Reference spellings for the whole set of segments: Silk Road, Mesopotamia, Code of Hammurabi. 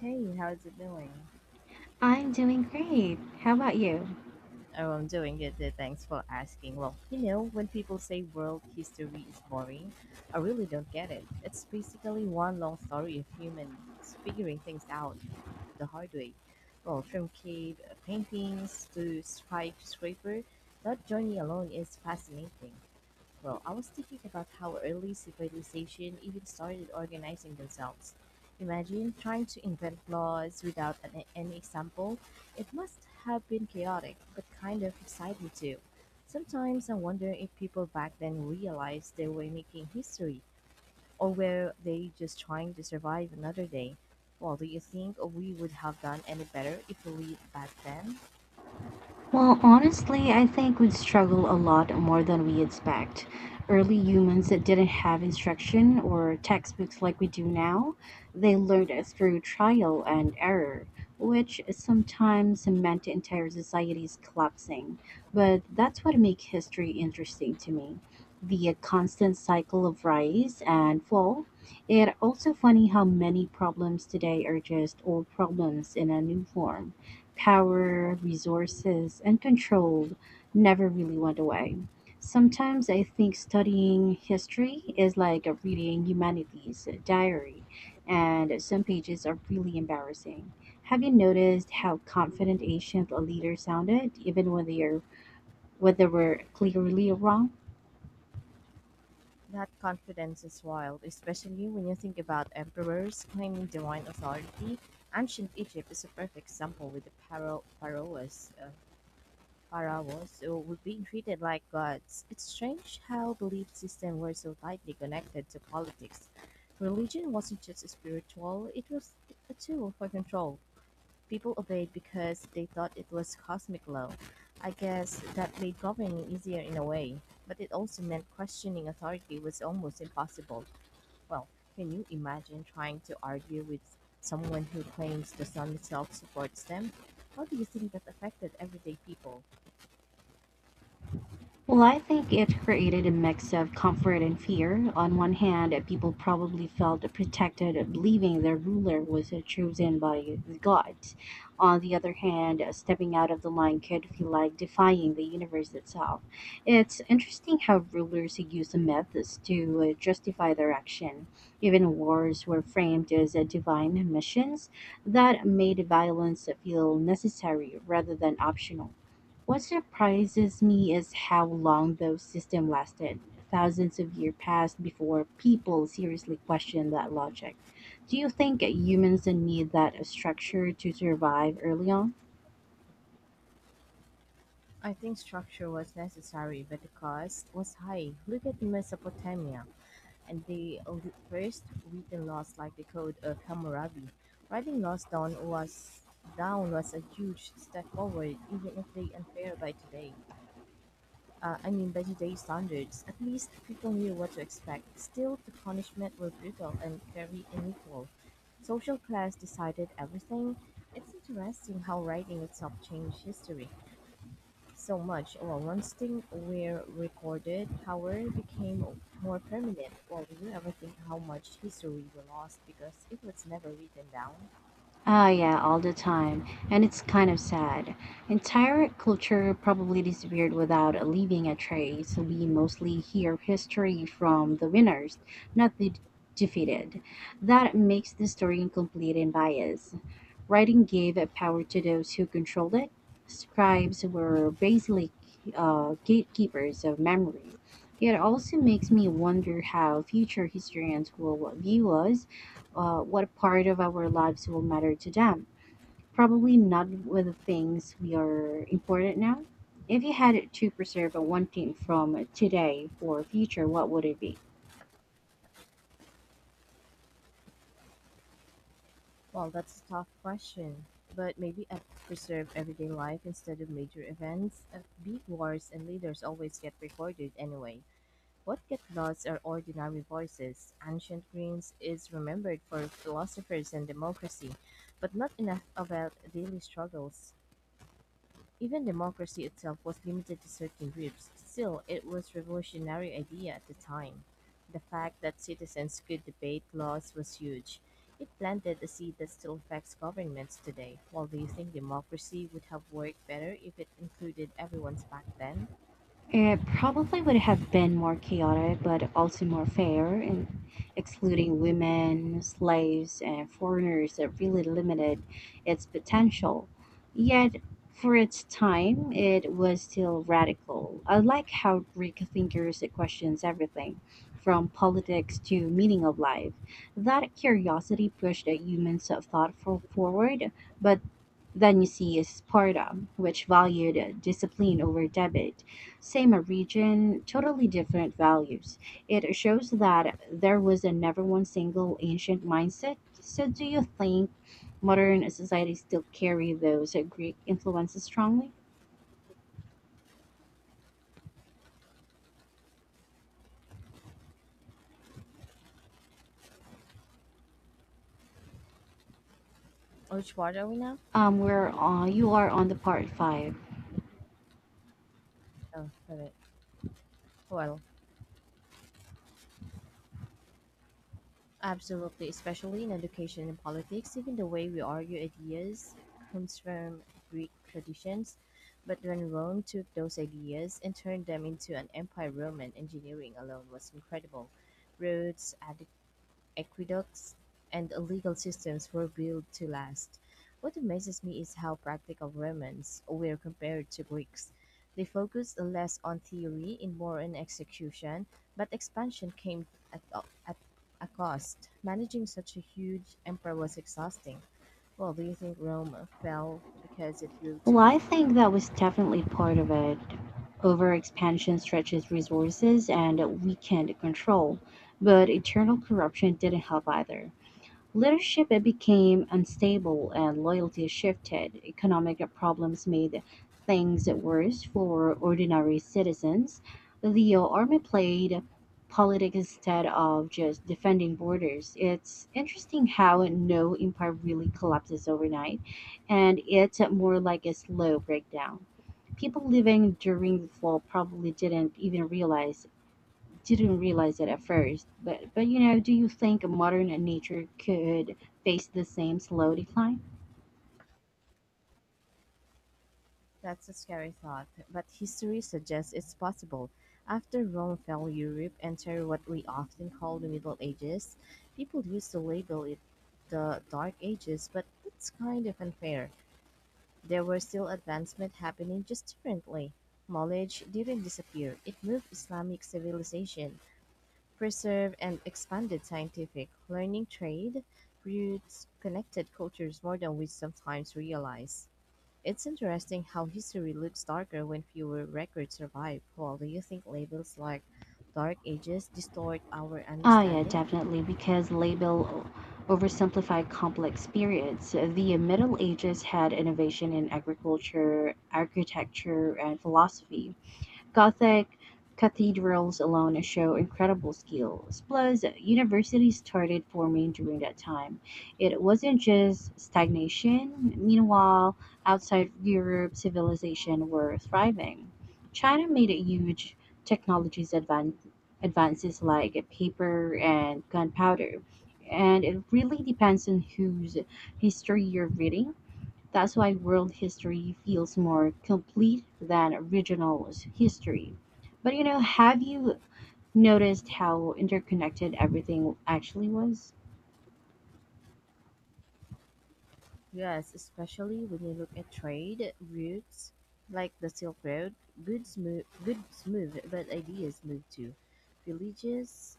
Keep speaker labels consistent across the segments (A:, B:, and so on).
A: Hey, how's it doing?
B: I'm doing great. How about you?
A: Oh, I'm doing good. Thanks for asking. Well, when people say world history is boring, I really don't get it. It's basically one long story of humans figuring things out the hard way. Well, from cave paintings to skyscraper, that journey alone is fascinating. Well, I was thinking about how early civilization even started organizing themselves. Imagine trying to invent laws without any example. It must have been chaotic, but kind of exciting too. Sometimes I wonder if people back then realized they were making history, or were they just trying to survive another day. Well, do you think we would have done any better if we lived back then?
B: Well, honestly, I think we'd struggle a lot more than we expect. Early humans that didn't have instruction or textbooks like we do now, they learned it through trial and error, which sometimes meant entire societies collapsing. But that's what makes history interesting to me. The constant cycle of rise and fall. It's also funny how many problems today are just old problems in a new form power, resources, and control never really went away. Sometimes I think studying history is like reading humanities diary, and some pages are really embarrassing. Have you noticed how confident ancient leaders sounded, even when they are when they were clearly wrong?
A: That confidence is wild, especially when you think about emperors claiming divine authority. Ancient Egypt is a perfect example with the pharaohs who were being treated like gods. It's strange how belief systems were so tightly connected to politics. Religion wasn't just spiritual; it was a tool for control. People obeyed because they thought it was cosmic law. I guess that made governing easier in a way, but it also meant questioning authority was almost impossible. Well, can you imagine trying to argue with someone who claims the sun itself supports them? How do you think that affected everyday people?
B: Well, I think it created a mix of comfort and fear. On one hand, people probably felt protected, believing their ruler was chosen by the gods. On the other hand, stepping out of the line could feel like defying the universe itself. It's interesting how rulers use the myths to justify their action. Even wars were framed as divine missions that made violence feel necessary rather than optional. What surprises me is how long those systems lasted. Thousands of years passed before people seriously questioned that logic. Do you think humans need that structure to survive early on?
A: I think structure was necessary, but the cost was high. Look at Mesopotamia and the first written laws like the Code of Hammurabi. Writing laws down was a huge step forward, even if they unfair by today. I mean, by today's standards, at least people knew what to expect. Still, the punishment were brutal and very unequal. Social class decided everything. It's interesting how writing itself changed history. So much. Well, once things were recorded, power became more permanent. Well, do you ever think how much history we lost because it was never written down?
B: Ah, yeah, all the time. And it's kind of sad. Entire culture probably disappeared without leaving a trace. We mostly hear history from the winners, not the defeated. That makes the story incomplete and biased. Writing gave power to those who controlled it. Scribes were basically gatekeepers of memory. It also makes me wonder how future historians will view us, what part of our lives will matter to them. Probably not with the things we are important now. If you had to preserve one thing from today for future, what would it be?
A: Well, that's a tough question. But maybe I preserve everyday life instead of major events. Big wars and leaders always get recorded anyway. What get lost are ordinary voices. Ancient Greece is remembered for philosophers and democracy, but not enough about daily struggles. Even democracy itself was limited to certain groups. Still, it was a revolutionary idea at the time. The fact that citizens could debate laws was huge. It planted a seed that still affects governments today. Well, do you think democracy would have worked better if it included everyone's back then?
B: It probably would have been more chaotic, but also more fair, in excluding women, slaves, and foreigners that really limited its potential. Yet, for its time, it was still radical. I like how Greek thinkers questions everything, from politics to meaning of life. That curiosity pushed the humans of thought for forward, but then you see Sparta, which valued discipline over debate same region, totally different values. It shows that there was a never one single ancient mindset. So, do you think modern societies still carry those Greek influences strongly?
A: Which part are we now?
B: Where you are on the part five.
A: Oh, sorry. Well, absolutely, especially in education and politics, even the way we argue ideas comes from Greek traditions. But when Rome took those ideas and turned them into an empire, Roman engineering alone was incredible. Roads, aqueducts, and legal systems were built to last. What amazes me is how practical Romans were compared to Greeks. They focused less on theory and more on execution, but expansion came at, at a cost. Managing such a huge empire was exhausting. Well, do you think Rome fell because it grew too
B: Well, I
A: big?
B: think that was definitely part of it. Overexpansion stretches resources and weakened control, but eternal corruption didn't help either. Leadership became unstable and loyalty shifted. Economic problems made things worse for ordinary citizens. The army played politics instead of just defending borders. It's interesting how no empire really collapses overnight, and it's more like a slow breakdown. People living during the fall probably didn't realize it at first, but you know, do you think modern nature could face the same slow decline?
A: That's a scary thought, but history suggests it's possible. After Rome fell, Europe entered what we often call the Middle Ages. People used to label it the Dark Ages, but that's kind of unfair. There were still advancement happening just differently. Knowledge didn't disappear. It moved Islamic civilization, preserved and expanded scientific learning trade, roots connected cultures more than we sometimes realize. It's interesting how history looks darker when fewer records survive. Paul, do you think labels like Dark Ages distort our
B: Ah, yeah,
A: understanding?
B: definitely, because label oversimplify complex periods. So, the Middle Ages had innovation in agriculture, architecture, and philosophy, Gothic cathedrals alone show incredible skills. Plus, universities started forming during that time. It wasn't just stagnation. Meanwhile, outside Europe, civilization were thriving. China made a huge technologies advances like paper and gunpowder. And it really depends on whose history you're reading. That's why world history feels more complete than original history. But you know, have you noticed how interconnected everything actually was?
A: Yes, especially when you look at trade routes like the Silk Road. Goods move, but ideas move too. Villages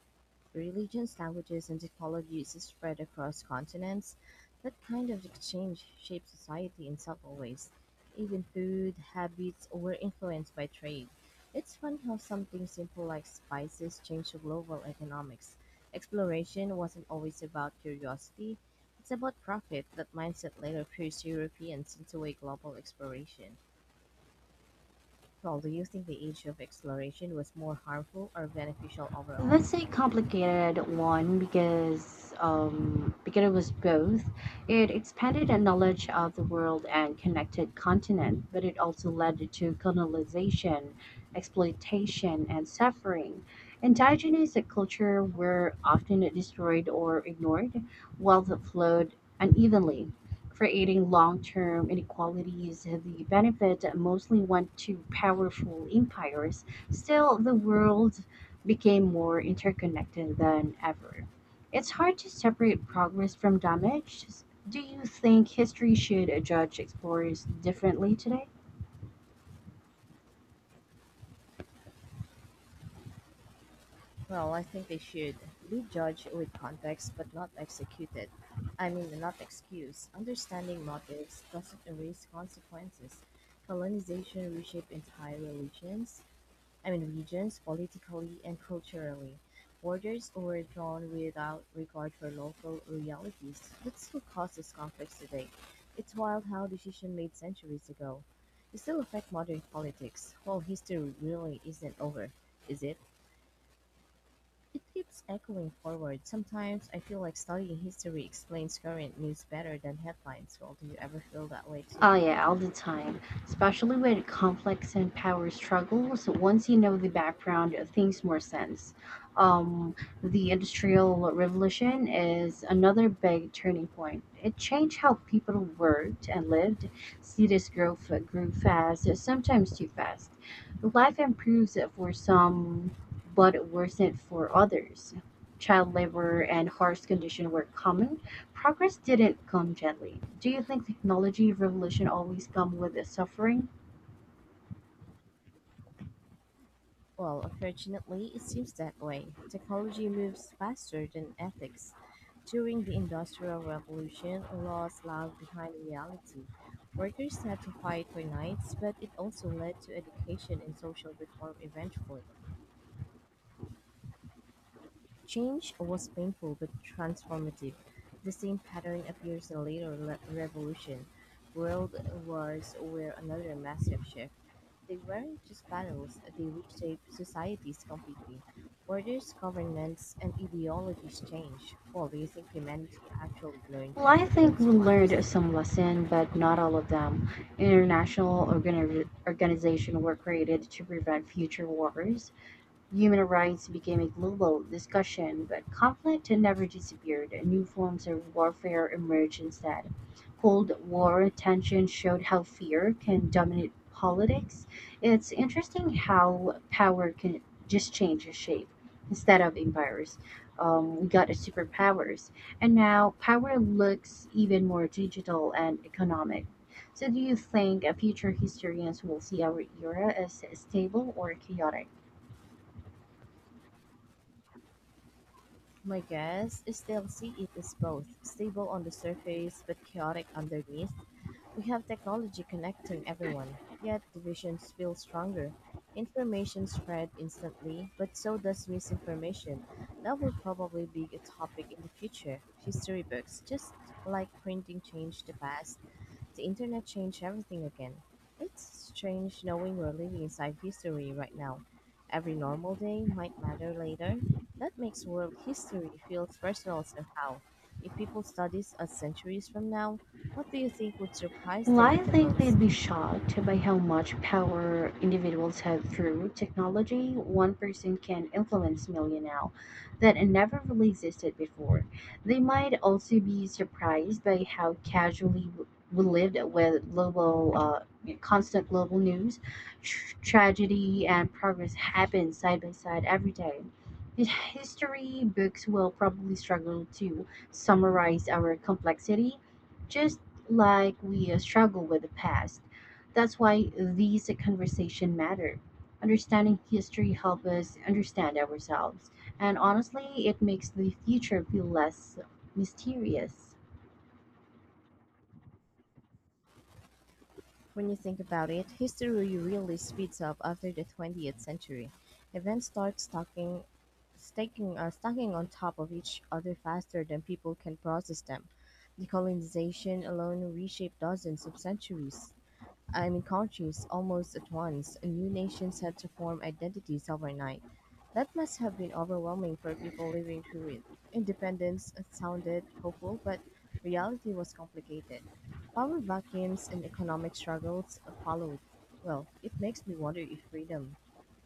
A: Religions, languages, and technologies spread across continents. That kind of exchange shaped society in subtle ways. Even food, habits were influenced by trade. It's fun how something simple like spices changed global economics. Exploration wasn't always about curiosity, it's about profit. That mindset later pushed Europeans into a global exploration. Well, do you think the age of exploration was more harmful or beneficial overall?
B: That's a complicated one because it was both. It expanded a knowledge of the world and connected continent, but it also led to colonization, exploitation, and suffering. Indigenous culture were often destroyed or ignored, wealth flowed unevenly, creating long-term inequalities. The benefit mostly went to powerful empires. Still, the world became more interconnected than ever. It's hard to separate progress from damage. Do you think history should judge explorers differently today?
A: Well, I think they should be judged with context but not executed. I mean, not excuse. Understanding motives doesn't erase consequences. Colonization reshaped entire I mean, regions politically and culturally. Borders were drawn without regard for local realities. That still causes conflicts today. It's wild how decisions made centuries ago. They still affect modern politics. Well, history really isn't over, is it? It keeps echoing forward. Sometimes I feel like studying history explains current news better than headlines. Well, do you ever feel that way
B: Oh
A: too?
B: yeah, all the time. Especially with complex and power struggles. Once you know the background, things more sense. Um, the Industrial Revolution is another big turning point. It changed how people worked and lived. Cities grew, grew fast, sometimes too fast. Life improves for some, but it worsened for others. Child labor and harsh conditions were common. Progress didn't come gently. Do you think technology revolution always come with its suffering?
A: Well, unfortunately, it seems that way. Technology moves faster than ethics. During the Industrial Revolution, laws lagged behind reality. Workers had to fight for nights, but it also led to education and social reform eventually. Change was painful but transformative. The same pattern appears in later revolution. World wars were another massive shift. They weren't just battles, they reshaped societies completely. Borders, governments, and ideologies change. Well, do you think humanity actually learned
B: Well,
A: from
B: I think
A: those
B: we learned
A: wars?
B: some lesson, but not all of them. International organizations were created to prevent future wars. Human rights became a global discussion, but conflict had never disappeared. New forms of warfare emerged instead. Cold War tensions showed how fear can dominate politics. It's interesting how power can just change its shape. Instead of empires, we got a superpowers. And now power looks even more digital and economic. So, do you think a future historians will see our era as stable or chaotic?
A: My guess is they'll see it as both stable on the surface but chaotic underneath. We have technology connecting everyone, yet divisions feel stronger. Information spread instantly, but so does misinformation. That will probably be a topic in the future. History books, just like printing, changed the past. The internet changed everything again. It's strange knowing we're living inside history right now. Every normal day might matter later. That makes world history feel personal somehow. If people study us centuries from now, what do you think would surprise
B: Well,
A: them
B: I
A: at the
B: think
A: most?
B: they'd be shocked by how much power individuals have through technology. One person can influence millions now that never really existed before. They might also be surprised by how casually we lived with global, constant global news. Tragedy and progress happen side by side every day. History books will probably struggle to summarize our complexity just like we struggle with the past. That's why these conversations matter. Understanding history helps us understand ourselves, and honestly, it makes the future feel less mysterious.
A: When you think about it, history really really speeds up after the 20th century. Events start stacking on top of each other faster than people can process them. Decolonization alone reshaped dozens of centuries. I mean countries almost at once, and new nations had to form identities overnight. That must have been overwhelming for people living through it. Independence sounded hopeful, but reality was complicated. Power vacuums and economic struggles followed. Well, it makes me wonder if freedom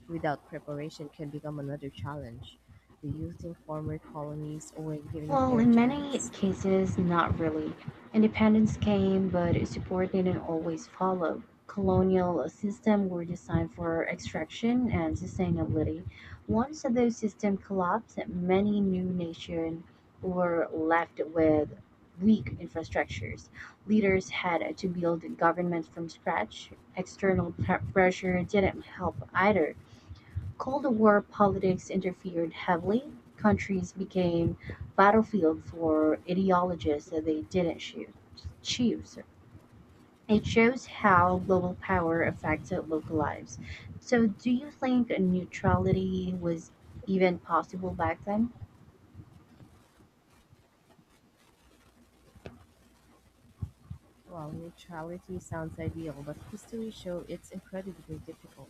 A: without preparation can become another challenge. Do you think former colonies were given a
B: Well,
A: fair
B: in many
A: chance?
B: cases, not really. Independence came, but support didn't always follow. Colonial systems were designed for extraction and sustainability. Once those systems collapsed, many new nations were left with weak infrastructures. Leaders had to build governments from scratch. External pressure didn't help either. Cold War politics interfered heavily; countries became battlefields for ideologies that they didn't choo- choose. It shows how global power affected local lives. So do you think neutrality was even possible back then?
A: Well, neutrality sounds ideal, but history shows it's incredibly difficult.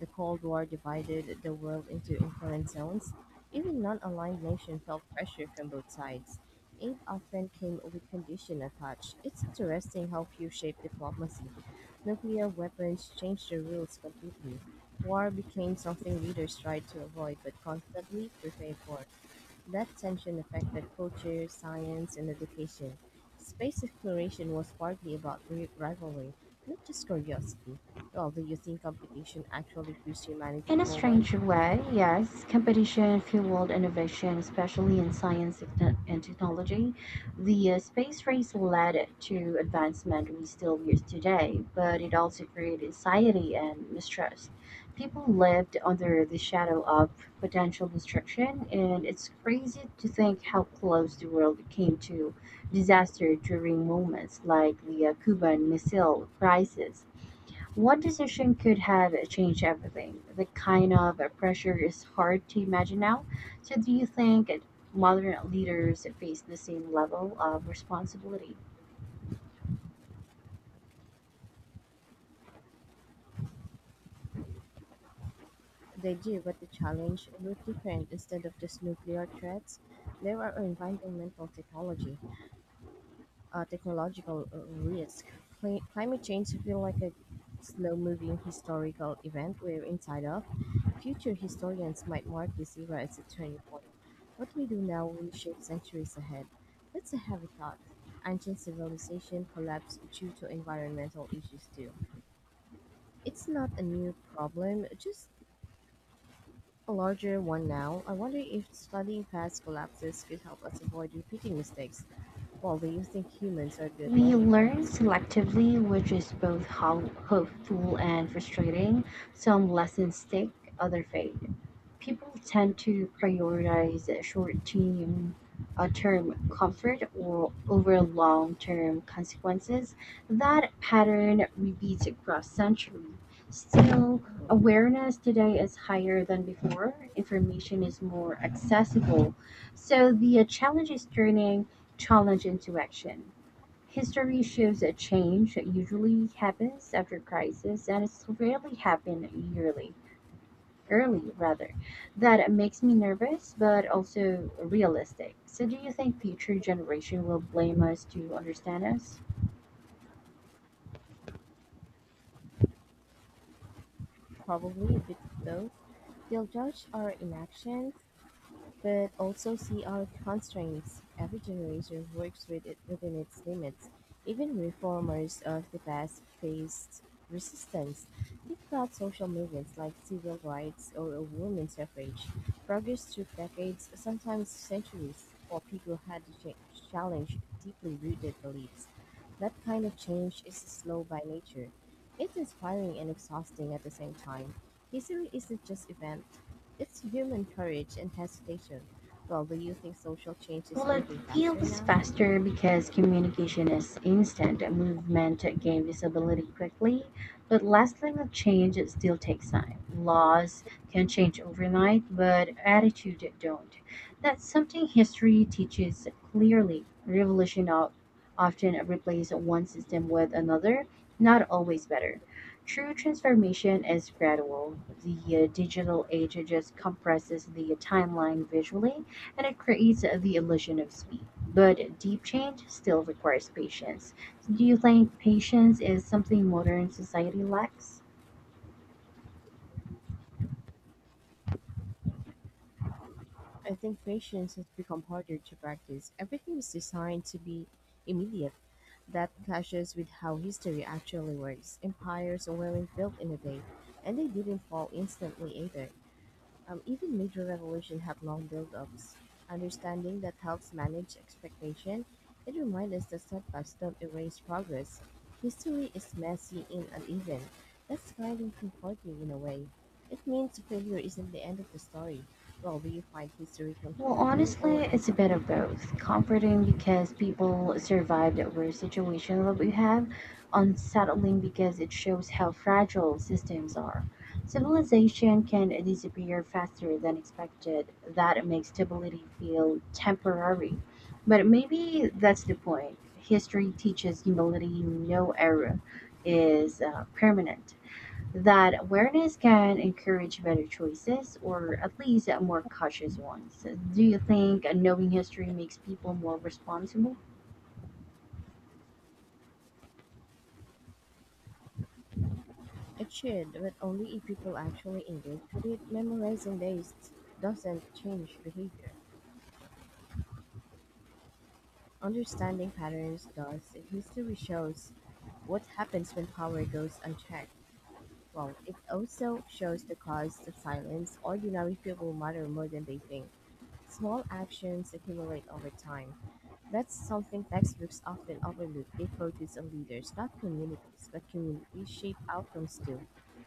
A: The Cold War divided the world into influence zones. Even non aligned nations felt pressure from both sides. Aid often came with condition attached. It's interesting how few shaped diplomacy. Nuclear weapons changed the rules completely. War became something leaders tried to avoid but constantly prepared for. That tension affected culture, science, and education. Space exploration was partly about rivalry, not just curiosity. Well, do you think competition actually pushed humanity
B: In a
A: forward?
B: strange way, yes, competition fueled innovation, especially in science and technology. The space race led to advancement we still use today, but it also created anxiety and mistrust. People lived under the shadow of potential destruction, and it's crazy to think how close the world came to disaster during moments like the Cuban Missile Crisis. One decision could have changed everything. The kind of pressure is hard to imagine now. So, do you think modern leaders face the same level of responsibility?
A: They do, but the challenge looked different. Instead of just nuclear threats, there were environmental technological risk. Climate change feels like a slow-moving historical event we're inside of. Future historians might mark this era as a turning point. What we do now will shape centuries ahead. That's a heavy thought. Ancient civilization collapsed due to environmental issues too. It's not a new problem, just a larger one now. I wonder if studying past collapses could help us avoid repeating mistakes. Well, do you think humans are good
B: We
A: learning from
B: learn
A: history?
B: selectively, which is both hopeful and frustrating. Some lessons stick, other fade. People tend to prioritize short-term term comfort or over long-term consequences. That pattern repeats across centuries. Still, awareness today is higher than before. Information is more accessible. So the challenge is turning challenge into action. History shows that change usually happens after crisis, and it's rarely happen yearly. Early, rather. That makes me nervous, but also realistic. So, do you think future generation will blame us to understand us?
A: Probably a bit of both. They'll judge our inactions, but also see our constraints. Every generation works with it within its limits. Even reformers of the past faced resistance. Think about social movements like civil rights or women's suffrage. Progress took decades, sometimes centuries, for people had to challenge deeply rooted beliefs. That kind of change is slow by nature. It's inspiring and exhausting at the same time. History isn't just event it's human courage and hesitation. Well, do you think social change is
B: Well, it
A: moving faster
B: feels
A: now?
B: faster because communication is instant. A movement gain visibility quickly, but lasting a change it still takes time. Laws can change overnight, but attitude don't. That's something history teaches clearly. Often replace one system with another, not always better. True transformation is gradual. The digital age just compresses the timeline visually and it creates the illusion of speed. But deep change still requires patience. So do you think patience is something modern society lacks?
A: I think patience has become harder to practice. Everything is designed to be immediate. That clashes with how history actually works. Empires weren't built in a day, and they didn't fall instantly either. Even major revolution have long build-ups. Understanding that helps manage expectation, it reminds us that setbacks don't erase progress. History is messy and uneven. That's kind of comforting in a way. It means failure isn't the end of the story. Well, do you find history
B: Well,
A: comforting or
B: honestly, it's a bit
A: unsettling?
B: of both. Comforting because people survived the worst situation that we have, unsettling because it shows how fragile systems are. Civilization can disappear faster than expected. That makes stability feel temporary. But maybe that's the point. History teaches humility, no era is permanent. That awareness can encourage better choices or at least more cautious ones. Do you think knowing history makes people more responsible?
A: It should, but only if people actually engage with it. Memorizing dates doesn't change behavior. Understanding patterns does. If history shows what happens when power goes unchecked? Well, it also shows the cost of silence. Ordinary people matter more than they think. Small actions accumulate over time. That's something textbooks often overlook. They focus on leaders, not communities, but communities shape outcomes too.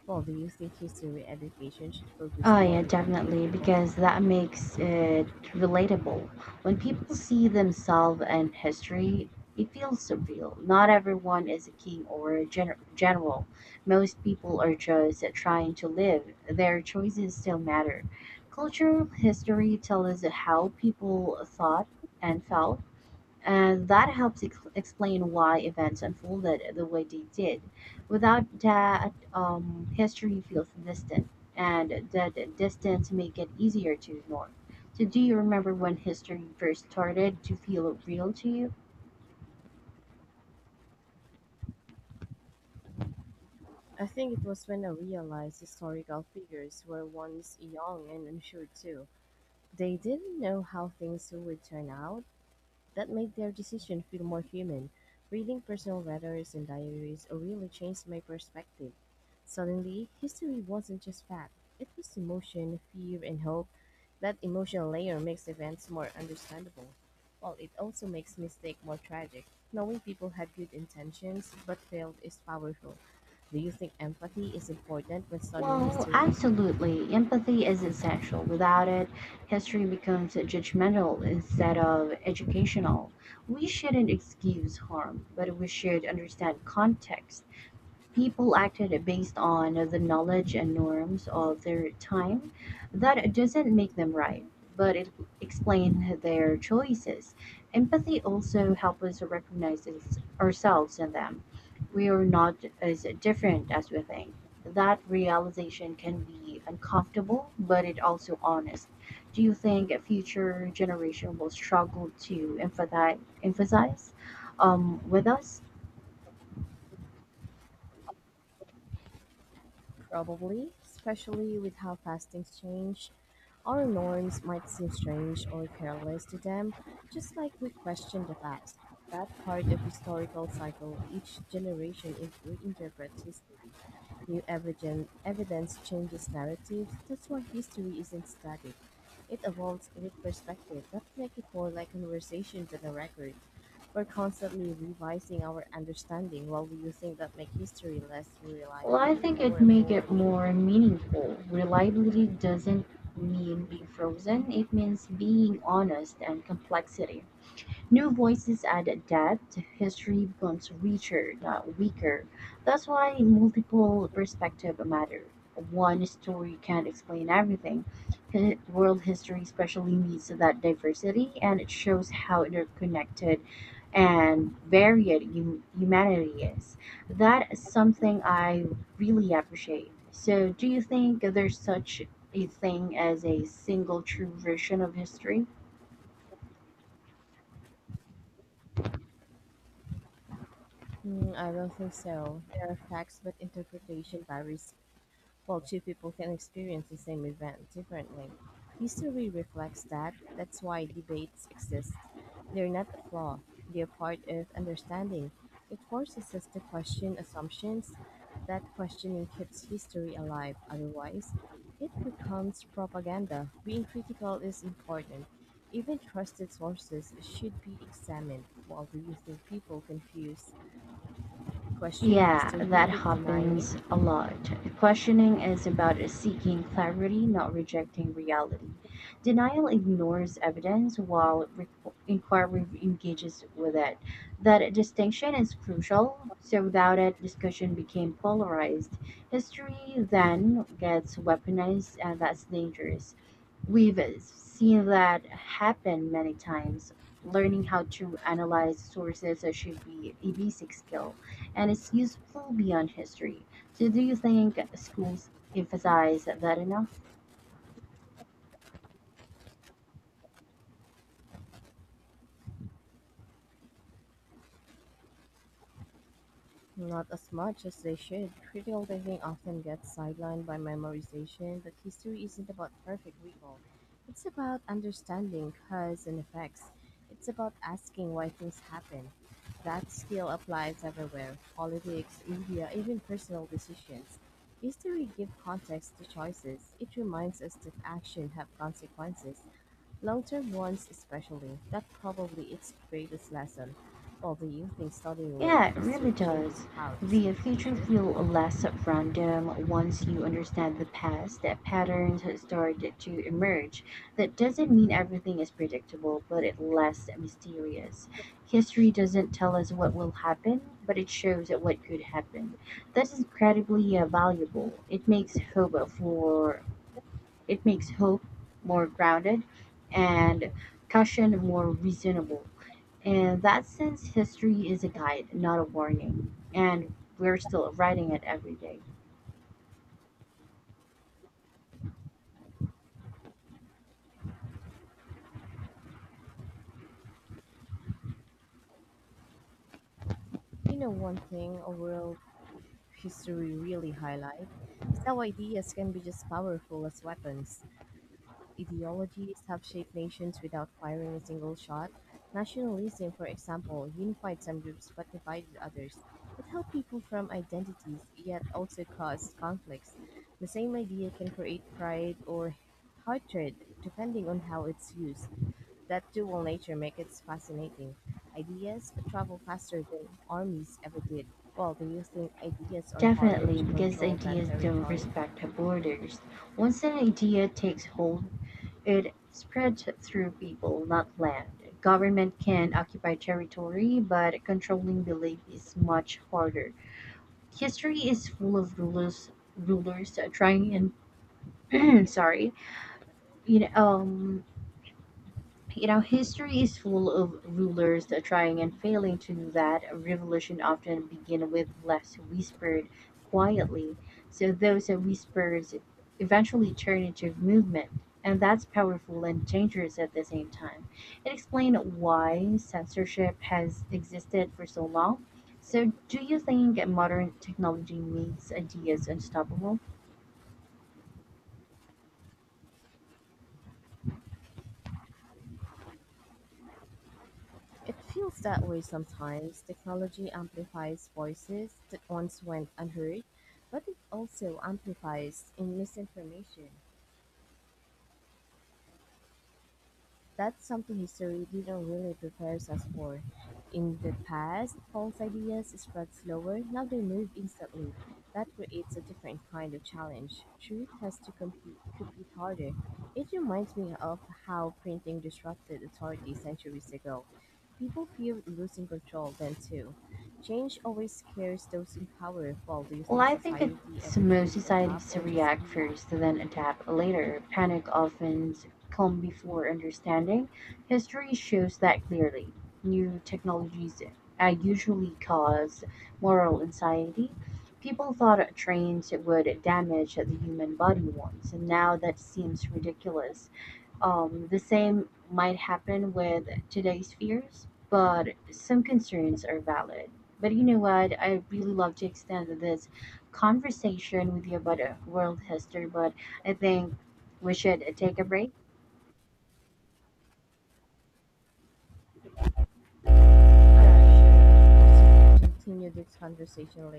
A: Well, do you think history education should focus
B: Oh, yeah,
A: more on everyday
B: definitely,
A: people?
B: because that makes it relatable. When people see themselves in history, it feels surreal. Not everyone is a king or a general. Most people are just trying to live. Their choices still matter. Cultural history tells us how people thought and felt. And that helps explain why events unfolded the way they did. Without that, history feels distant, and that distance make it easier to ignore. So, do you remember when history first started to feel real to you?
A: I think it was when I realized historical figures were once young and unsure too. They didn't know how things would turn out, that made their decision feel more human. Reading personal letters and diaries really changed my perspective. Suddenly, history wasn't just fact, it was emotion, fear, and hope. That emotional layer makes events more understandable, while it also makes mistakes more tragic. Knowing people had good intentions but failed is powerful. Do you think empathy is important when studying
B: Well,
A: history?
B: absolutely. Empathy is essential. Without it, history becomes judgmental instead of educational. We shouldn't excuse harm, but we should understand context. People acted based on the knowledge and norms of their time. That doesn't make them right, but it explains their choices. Empathy also helps us recognize ourselves in them. We are not as different as we think. That realization can be uncomfortable, but it also honest. Do you think a future generation will struggle to emphasize with us?
A: Probably, especially with how fast things change. Our norms might seem strange or careless to them, just like we question the past. That part of historical cycle, each generation reinterprets history. New evidence changes narratives. That's why history isn't static. It evolves with perspective. That makes it more like conversation than a record. We're constantly revising our understanding. While do you think that makes history less
B: Well, I
A: reliable
B: think it
A: or
B: make
A: more
B: it more
A: meaningful?
B: meaningful. Reliability doesn't mean being frozen. It means being honest and complexity. New voices add depth, history becomes richer, not weaker. That's why multiple perspectives matter. One story can't explain everything. World history especially needs that diversity, and it shows how interconnected and varied humanity is. That is something I really appreciate. So, do you think there's such a thing as a single true version of history?
A: Mm, I don't think so. There are facts, but interpretation varies. While two people can experience the same event differently, history reflects that. That's why debates exist. They're not a flaw, they're part of understanding. It forces us to question assumptions. That questioning keeps history alive. Otherwise, it becomes propaganda. Being critical is important. Even trusted sources should be examined. While do you think people confuse questioning
B: Yeah,
A: history
B: that
A: with denying it?
B: happens a lot. Questioning is about seeking clarity, not rejecting reality. Denial ignores evidence while inquiry engages with it. That distinction is crucial. So, without it, discussion became polarized. History then gets weaponized, and that's dangerous. We've seen that happen many times. Learning how to analyze sources should be a basic skill and it's useful beyond history. So, do you think schools emphasize that enough?
A: Not as much as they should. Critical thinking often gets sidelined by memorization, but history isn't about perfect recall. It's about understanding cause and effects. It's about asking why things happen. That skill applies everywhere politics, media, even personal decisions. History gives context to choices. It reminds us that actions have consequences. Long-term ones especially, that probably its greatest lesson. Although you think studying world
B: Yeah, it really
A: history changes
B: does.
A: how to see
B: The
A: the
B: future
A: future?
B: feel less random once you understand the past, that patterns start to emerge. That doesn't mean everything is predictable, but it less mysterious. History doesn't tell us what will happen, but it shows what could happen. That is incredibly valuable. It makes hope more grounded and caution more reasonable. In that sense, history is a guide, not a warning. And we're still writing it every day.
A: You know one thing a world history really highlight is how ideas can be just powerful as weapons. Ideologies have shaped nations without firing a single shot. Nationalism, for example, unified some groups but divided others. It held people from identities, yet also caused conflicts. The same idea can create pride or hatred, depending on how it's used. That dual nature makes it fascinating. Ideas travel faster than armies ever did. Well, do you think ideas are harder
B: Definitely,
A: to
B: because
A: control than
B: ideas don't
A: territory?
B: respect borders. Once an idea takes hold, it spreads through people, not land. Government can occupy territory, but controlling belief is much harder. History is full of rulers trying in sorry you know um history is full of rulers that trying and failing to do that. A revolution often begin with less whispered quietly, so those whispers eventually turn into movement, and that's powerful and dangerous at the same time. It explains why censorship has existed for so long. So do you think modern technology makes ideas unstoppable?
A: It feels that way sometimes. Technology amplifies voices that once went unheard, but it also amplifies in misinformation. That's something history didn't really prepare us for. In the past, false ideas spread slower, now they move instantly. That creates a different kind of challenge. Truth has to compete harder. It reminds me of how printing disrupted authority centuries ago. People feared losing control then too. Change always scares those in power. While do you
B: Well,
A: think
B: I think
A: society
B: it's
A: ever
B: most
A: truly adapt
B: societies to
A: or just
B: react
A: react?
B: first, then adapt later. Panic often comes before understanding. History shows that clearly. New technologies usually cause moral anxiety. People thought trains would damage the human body once, and now that seems ridiculous. The same might happen with today's fears, but some concerns are valid. But you know what? I really love to extend this conversation with you about world history, but I think we should take a break. All right.
A: Yeah, sure. So we continue this conversation